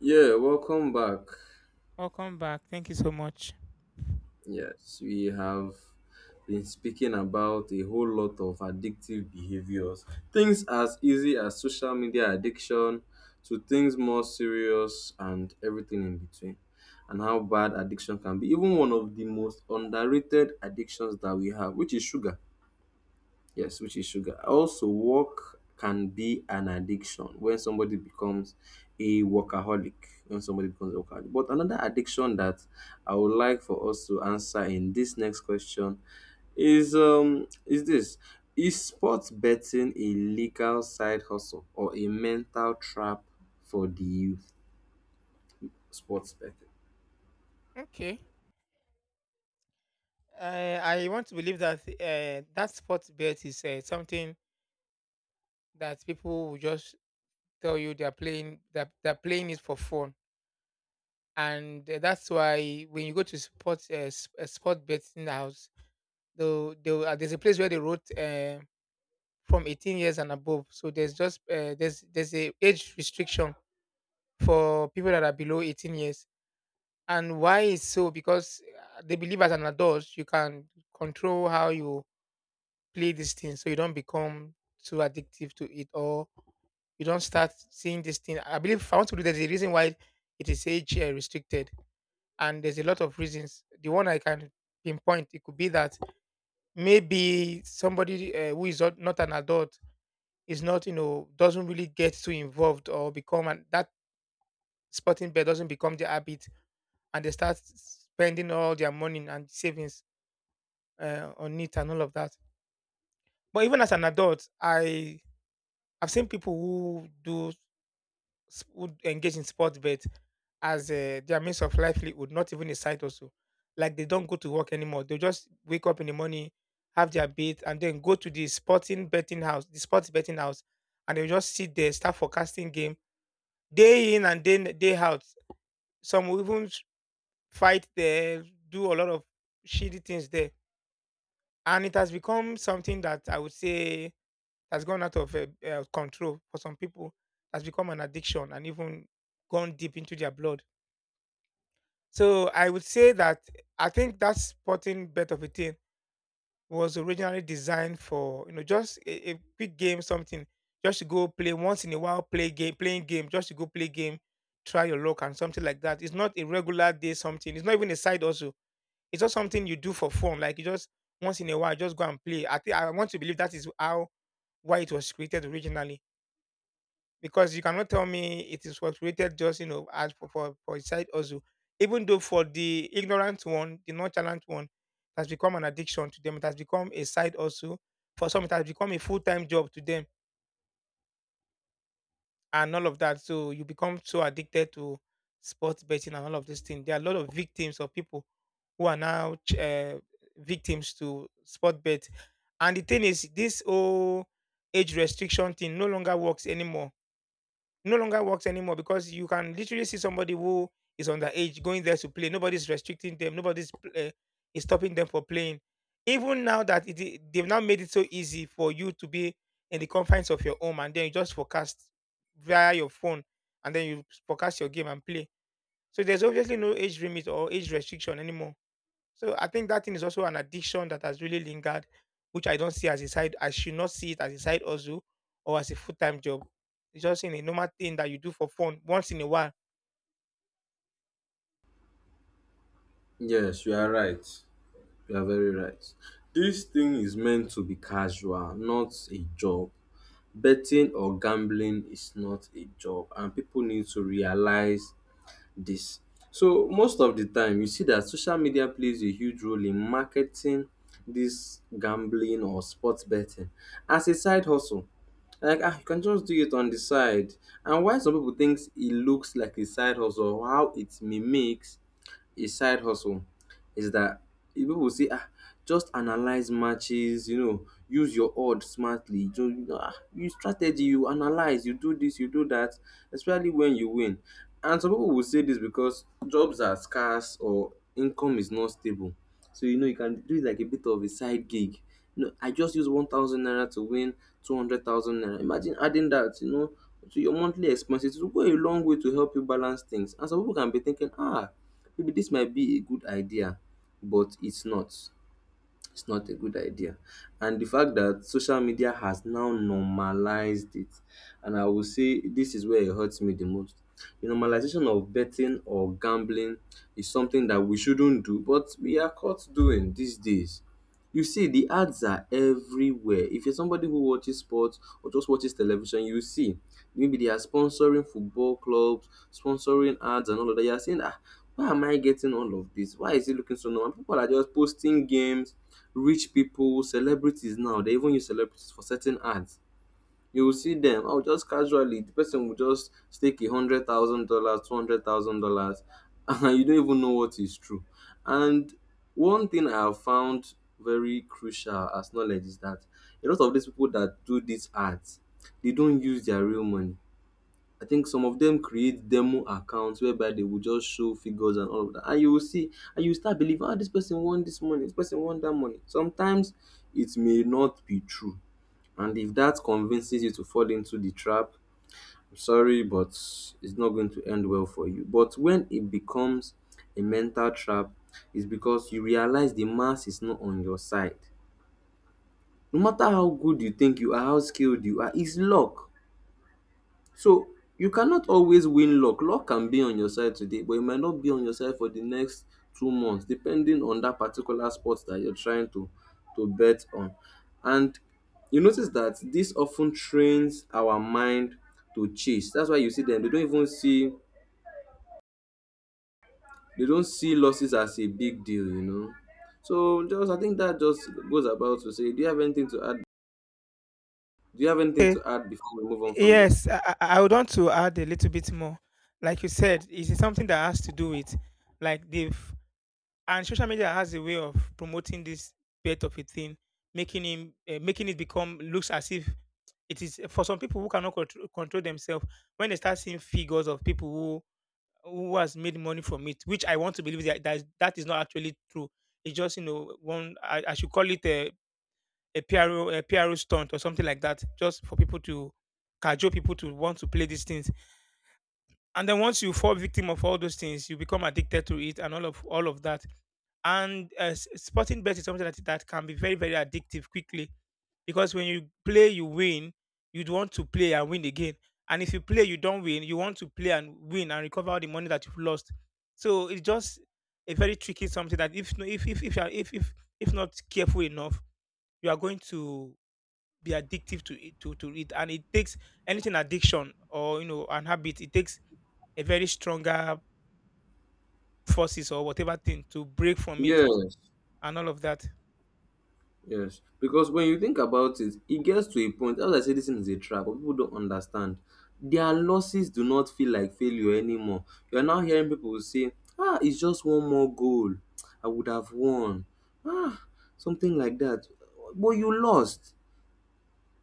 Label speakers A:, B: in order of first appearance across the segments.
A: Yeah, welcome back.
B: Welcome back. Thank you so much.
A: Yes, we have been speaking about a whole lot of addictive behaviors. Things as easy as social media addiction to things more serious and everything in between. And how bad addiction can be. Even one of the most underrated addictions that we have, which is sugar. Yes, which is sugar. Also, work can be an addiction when somebody becomes a workaholic. When somebody becomes a workaholic. But another addiction that I would like for us to answer in this next question is um is this is sports betting a legal side hustle or a mental trap for the youth? Sports betting.
B: Okay. I want to believe that sport bet is something that people will just tell you they're playing that they're playing it for fun, and that's why when you go to sport betting house, though there's a place where they wrote from 18 years and above, so there's just there's a age restriction for people that are below 18 years. And why is so? Because they believe as an adult, you can control how you play these things, so you don't become too addictive to it or you don't start seeing this thing. I believe if I want to do there's a reason why it is age restricted, and there's a lot of reasons. The one I can pinpoint it could be that maybe somebody who is not an adult is not you know doesn't really get too involved or become and that sporting bet doesn't become the habit and they start spending all their money and savings on it and all of that. But even as an adult, I've seen people who who engage in sports bet as their means of livelihood, not even a side also. Like they don't go to work anymore. They just wake up in the morning, have their bait, and then go to the sporting betting house, the sports betting house, and they just sit there, start forecasting game day in and day out. Some will even s- Fight there, do a lot of shitty things there and it has become something that I would say has gone out of control for some people. Has become an addiction and even gone deep into their blood. So I would say that I think that sporting bet of a thing was originally designed for you know just a quick game, something just to go play once in a while, play game, playing game, just to go play game, try your luck and something like that. It's not a regular day something. It's not even a side also it's not something you do for fun. Like you just once in a while, just go and play. I think I want to believe that is how why it was created originally. Because you cannot tell me it is was created just you know as for a side also. Even though for the ignorant one, the nonchalant one, it has become an addiction to them. It has become a side also. For some, it has become a full time job to them and all of that. So you become so addicted to sports betting and all of these things. There are a lot of victims of people who are now victims to sport bet. And the thing is, this whole age restriction thing no longer works anymore because you can literally see somebody who is underage going there to play. Nobody's restricting them. Nobody's uh, is stopping them for playing. Even now that they've now made it so easy for you to be in the confines of your home and then you just forecast via your phone and then you forecast your game and play. So there's obviously no age limit or age restriction anymore. So I think that thing is also an addiction that has really lingered, which I don't see as a side. I should not see it as a side hustle or as a full time job. It's just in a normal thing that you do for fun once in a while.
A: Yes, you are right. You are very right. This thing is meant to be casual, not a job. Betting or gambling is not a job and people need to realize this. So most of the time you see that social media plays a huge role in marketing this gambling or sports betting as a side hustle. Like ah, you can just do it on the side. And why some people thinks it looks like a side hustle, how it mimics a side hustle is that if people say ah just analyze matches, you know, use your odd smartly, so you know, ah, use strategy, you analyze, you do this, you do that, especially when you win. And some people will say this because jobs are scarce or income is not stable, so you know you can do it like a bit of a side gig. You know, I just use 1,000 naira to win 200,000 naira. Imagine adding that, you know, to your monthly expenses, it will go a long way to help you balance things. And some people can be thinking, ah, maybe this might be a good idea, but it's not. It's not a good idea. And the fact that social media has now normalized it, and I will say this is where it hurts me the most. The normalization of betting or gambling is something that we shouldn't do, but we are caught doing these days. You see the ads are everywhere. If you're somebody who watches sports or just watches television, you see maybe they are sponsoring football clubs, sponsoring ads and all of that. You're saying, ah, why am I getting all of this? Why is it looking so normal? People are just posting games, rich people, celebrities. Now they even use celebrities for certain ads. You will see them, oh, just casually the person will just stake $100,000, $200,000 and you don't even know what is true. And one thing I have found very crucial as knowledge is that a lot of these people that do these ads, they don't use their real money. I think some of them create demo accounts whereby they will just show figures and all of that, and you will see and you start believing, ah, this person won this money, this person won that money. Sometimes it may not be true. And if that convinces you to fall into the trap, I'm sorry, but it's not going to end well for you. But when it becomes a mental trap, it's because you realize the mass is not on your side. No matter how good you think you are, how skilled you are, it's luck. So you cannot always win luck. Luck can be on your side today, but it might not be on your side for the next 2 months, depending on that particular sport that you're trying to bet on. And you notice that this often trains our mind to chase. That's why you see them. They don't see losses as a big deal, you know. So just I think that just goes about to say, do you have anything to add? Do you have anything
B: Okay.
A: to add before we move on from this?
B: Yes, I would want to add a little bit more. Like you said, it is something that has to do with like they've and social media has a way of promoting this bit of a thing, making it become looks as if it is for some people who cannot control themselves when they start seeing figures of people who has made money from it, which I want to believe that is not actually true. It's just you know one I should call it a p r o a p r o stunt or something like that, just for people to cajole people to want to play these things. And then once you fall victim of all those things, you become addicted to it and all of that and sporting bet is something that can be very addictive quickly because when you play you win you'd want to play and win again and if you play you don't win you want to play and win and recover all the money that you've lost so it's just a very tricky something that if no- if you are- if not careful enough you are going to be addictive to to it and it takes anything addiction or you know an habit it takes a very stronger forces or whatever thing to break from it
A: Yes.
B: and all of that
A: Yes, because when you think about it, it gets to a point. As I say, this thing is a trap, but people don't understand. Their losses do not feel like failure anymore. You are now hearing people say, "Ah, it's just one more goal. I would have won." Ah, something like that. But you lost.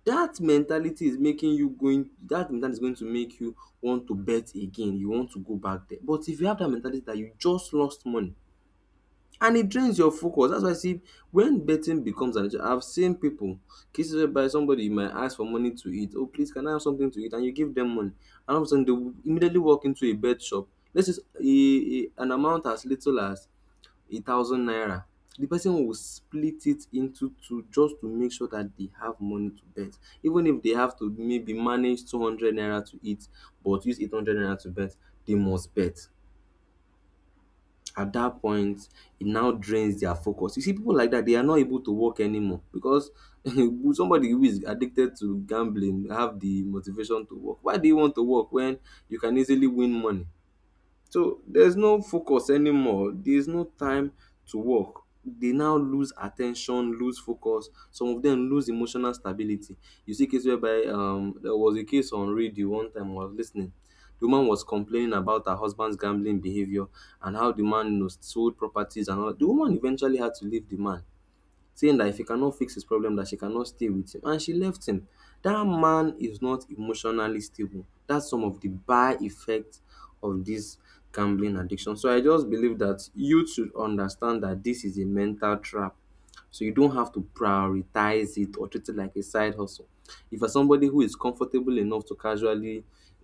A: That mentality is making you going. That mentality is going to make you want to bet again. You want to go back there. But if you have that mentality that you just lost money, and it drains your focus. That's why I see when betting becomes an issue, I've seen people, cases whereby somebody you might ask for money to eat. Oh, please, can I have something to eat? And you give them money, and all of a sudden they will immediately walk into a bet shop. Let's just an amount as little as 1,000 naira. The person will split it into two just to make sure that they have money to bet. Even if they have to maybe manage 200 naira to eat, but use 800 naira to bet, they must bet. At that point it now drains their focus. You see people like that, they are not able to work anymore because somebody who is addicted to gambling have the motivation to work. Why do you want to work when you can easily win money? So there's no focus anymore. There's no time to work. They now lose attention, lose focus. Some of them lose emotional stability. You see case whereby there was a case on radio one time I was listening. The woman was complaining about her husband's gambling behavior and how the man, you know, sold properties and all. The woman eventually had to leave the man saying that if he cannot fix his problem that she cannot stay with him, and she left him. That man is not emotionally stable. That's some of the bad effects of this gambling addiction. So I just believe that you should understand that this is a mental trap. So you don't have to prioritize it or treat it like a side hustle. If you're somebody who is comfortable enough to casually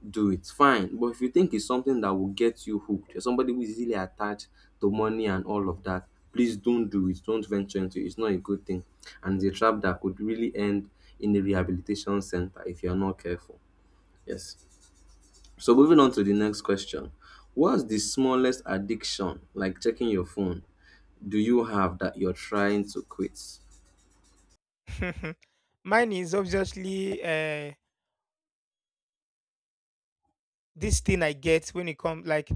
A: do it, fine. But if you think it's something that will get you hooked, you're somebody who is easily attached to money and all of that, please don't do it. Don't venture into it. It's not a good thing. And it's a trap that could really end in a rehabilitation center if you're not careful. Yes. So moving on to the next question. What's the smallest addiction, like checking your phone, do you have that you're trying to quit?
B: Mine is obviously this thing I get when it comes. Like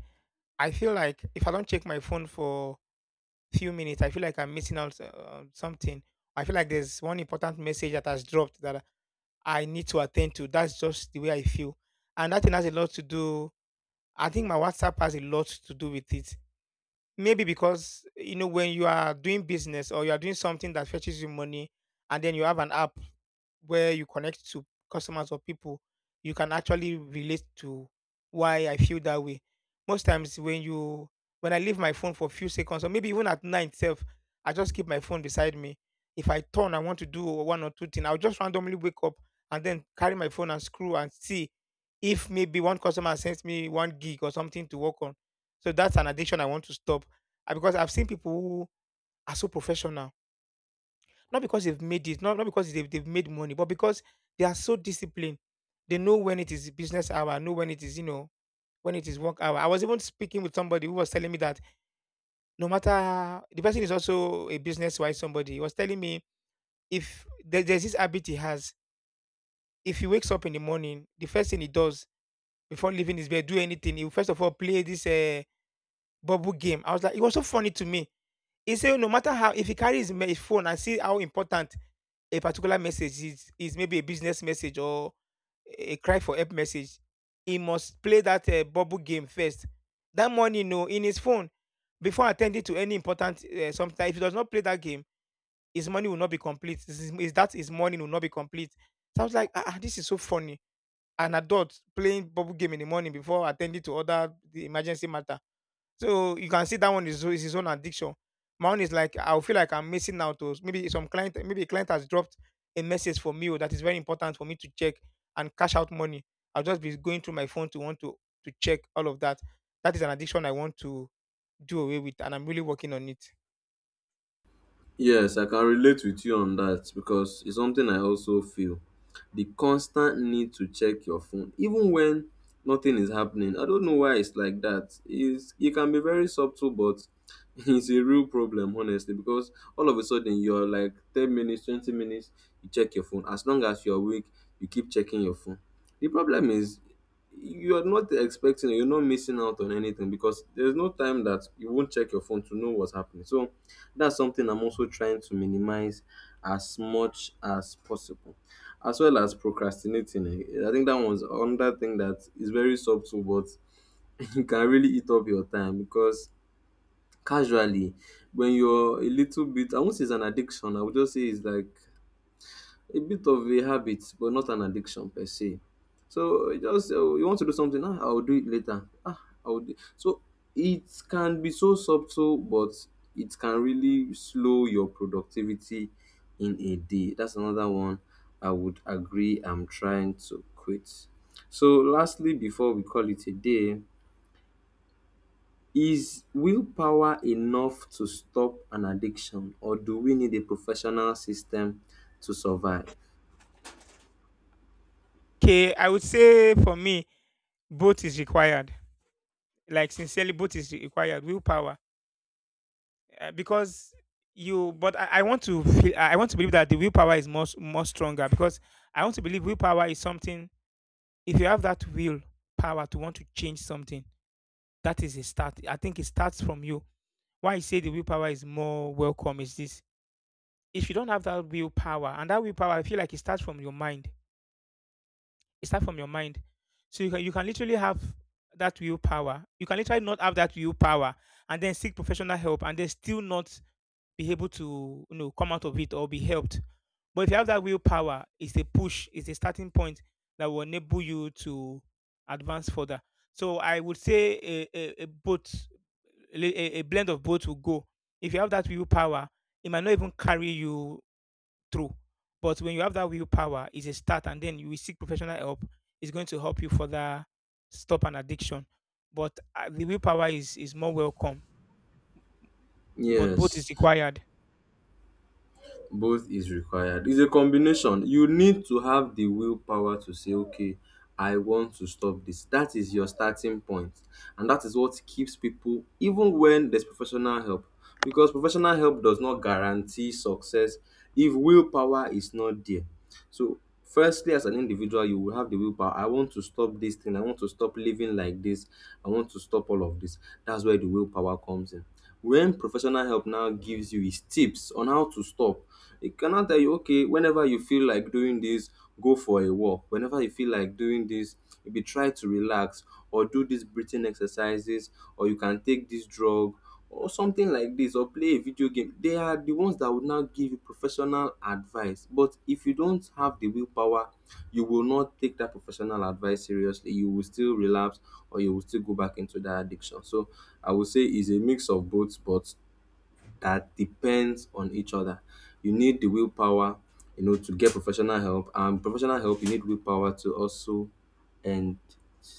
B: I feel like if I don't check my phone for few minutes, I feel like I'm missing out something. I feel like there's one important message that has dropped that I need to attend to. That's just the way I feel, and that thing has a lot to do. I think my WhatsApp has a lot to do with it. Maybe because you know when you are doing business or you are doing something that fetches you money, and then you have an app where you connect to customers or people, you can actually relate to why I feel that way. Most times when you when I leave my phone for a few seconds or maybe even at night itself, I just keep my phone beside me. If I turn, I want to do one or two things, I'll just randomly wake up and then carry my phone and screw and see if maybe one customer sends me one gig or something to work on. So that's an addiction I want to stop. Ah, because I've seen people who are so professional not because they've made it, not because they've made money, but because they are so disciplined. They know when it is business hour, know when it is, you know, when it is work hour. I was even speaking with somebody who was telling me that no matter the person is also a business wise somebody, he was telling me if there, there's this habit he has, if he wakes up in the morning, the first thing he does before leaving his bed, do anything, he will first of all play this bubble game. I was like, it was so funny to me. He said, no matter how, if he carries his phone and see how important a particular message is maybe a business message or a cry for help message, he must play that bubble game first. That money, no, in his phone, before attending to any important sometimes, if he does not play that game, his money will not be complete. This is that his money will not be complete? So I was like, ah, ah, this is so funny. An adult playing bubble game in the morning before attending to other the emergency matter. So you can see that one is his own addiction. My own is like I'll feel like I'm missing out to maybe some client, maybe a client has dropped a message for me oh, that is very important for me to check and cash out money. I'll just be going through my phone to want to check all of that. That is an addiction I want to do away with, and I'm really working on it.
A: Yes, I can relate with you on that because it's something I also feel. The constant need to check your phone, even when nothing is happening. I don't know why it's like that. It can be very subtle, but it's a real problem, honestly, because all of a sudden you're like 10 minutes, 20 minutes, you check your phone. As long as you're awake, you keep checking your phone. The problem is you're not expecting, you're not missing out on anything because there's no time that you won't check your phone to know what's happening. So that's something I'm also trying to minimize as much as possible. As well as procrastinating. I think that one's another thing that is very subtle, but it can really eat up your time because casually when you're a little bit, I won't say it's an addiction, I would just say it's like a bit of a habit but not an addiction per se. So you want to do something, ah, I'll do it later. Ah, I'll do. So it can be so subtle, but it can really slow your productivity in a day. That's another one I would agree. I'm trying to quit. So lastly, before we call it a day, is willpower enough to stop an addiction, or do we need a professional system to survive?
B: Okay, I would say for me, both is required. Like sincerely, both is required. Willpower because you but I want to feel I want to believe that the willpower is much more stronger because I want to believe willpower is something if you have that willpower to want to change something that is a start I think it starts from you why I say the willpower is more welcome is this if you don't have that willpower and that willpower I feel like it starts from your mind it starts from your mind so you can literally have that willpower you can literally not have that willpower and then seek professional help and then still not be able to you know come out of it or be helped. But if you have that willpower, it's a push, it's a starting point that will enable you to advance further. So I would say a both a, li- a blend of both will go. If you have that willpower, it might not even carry you through. But when you have that willpower, it's a start, and then you will seek professional help. It's going to help you further stop an addiction. But uh, the willpower is more welcome. But both
A: Yes.
B: is required.
A: Both is required. It's a combination. You need to have the willpower to say, okay, I want to stop this. That is your starting point, and that is what keeps people, even when there's professional help, because professional help does not guarantee success if willpower is not there. So, firstly, as an individual, you will have the willpower. I want to stop this thing. I want to stop living like this. I want to stop all of this. That's where the willpower comes in. When professional help now gives you his tips on how to stop, it can now tell you, okay, whenever you feel like doing this, go for a walk. Whenever you feel like doing this, maybe try to relax or do these breathing exercises, or you can take this drug or something something like this or play a video game, they are the ones that would now give you professional advice. But if you don't have the willpower, you will not take that professional advice seriously. You will still relapse or you will still go back into that addiction. So I would say it's a mix of both, but that depends on each other. You need the willpower, you know, to get professional help, and professional help, you need willpower to also end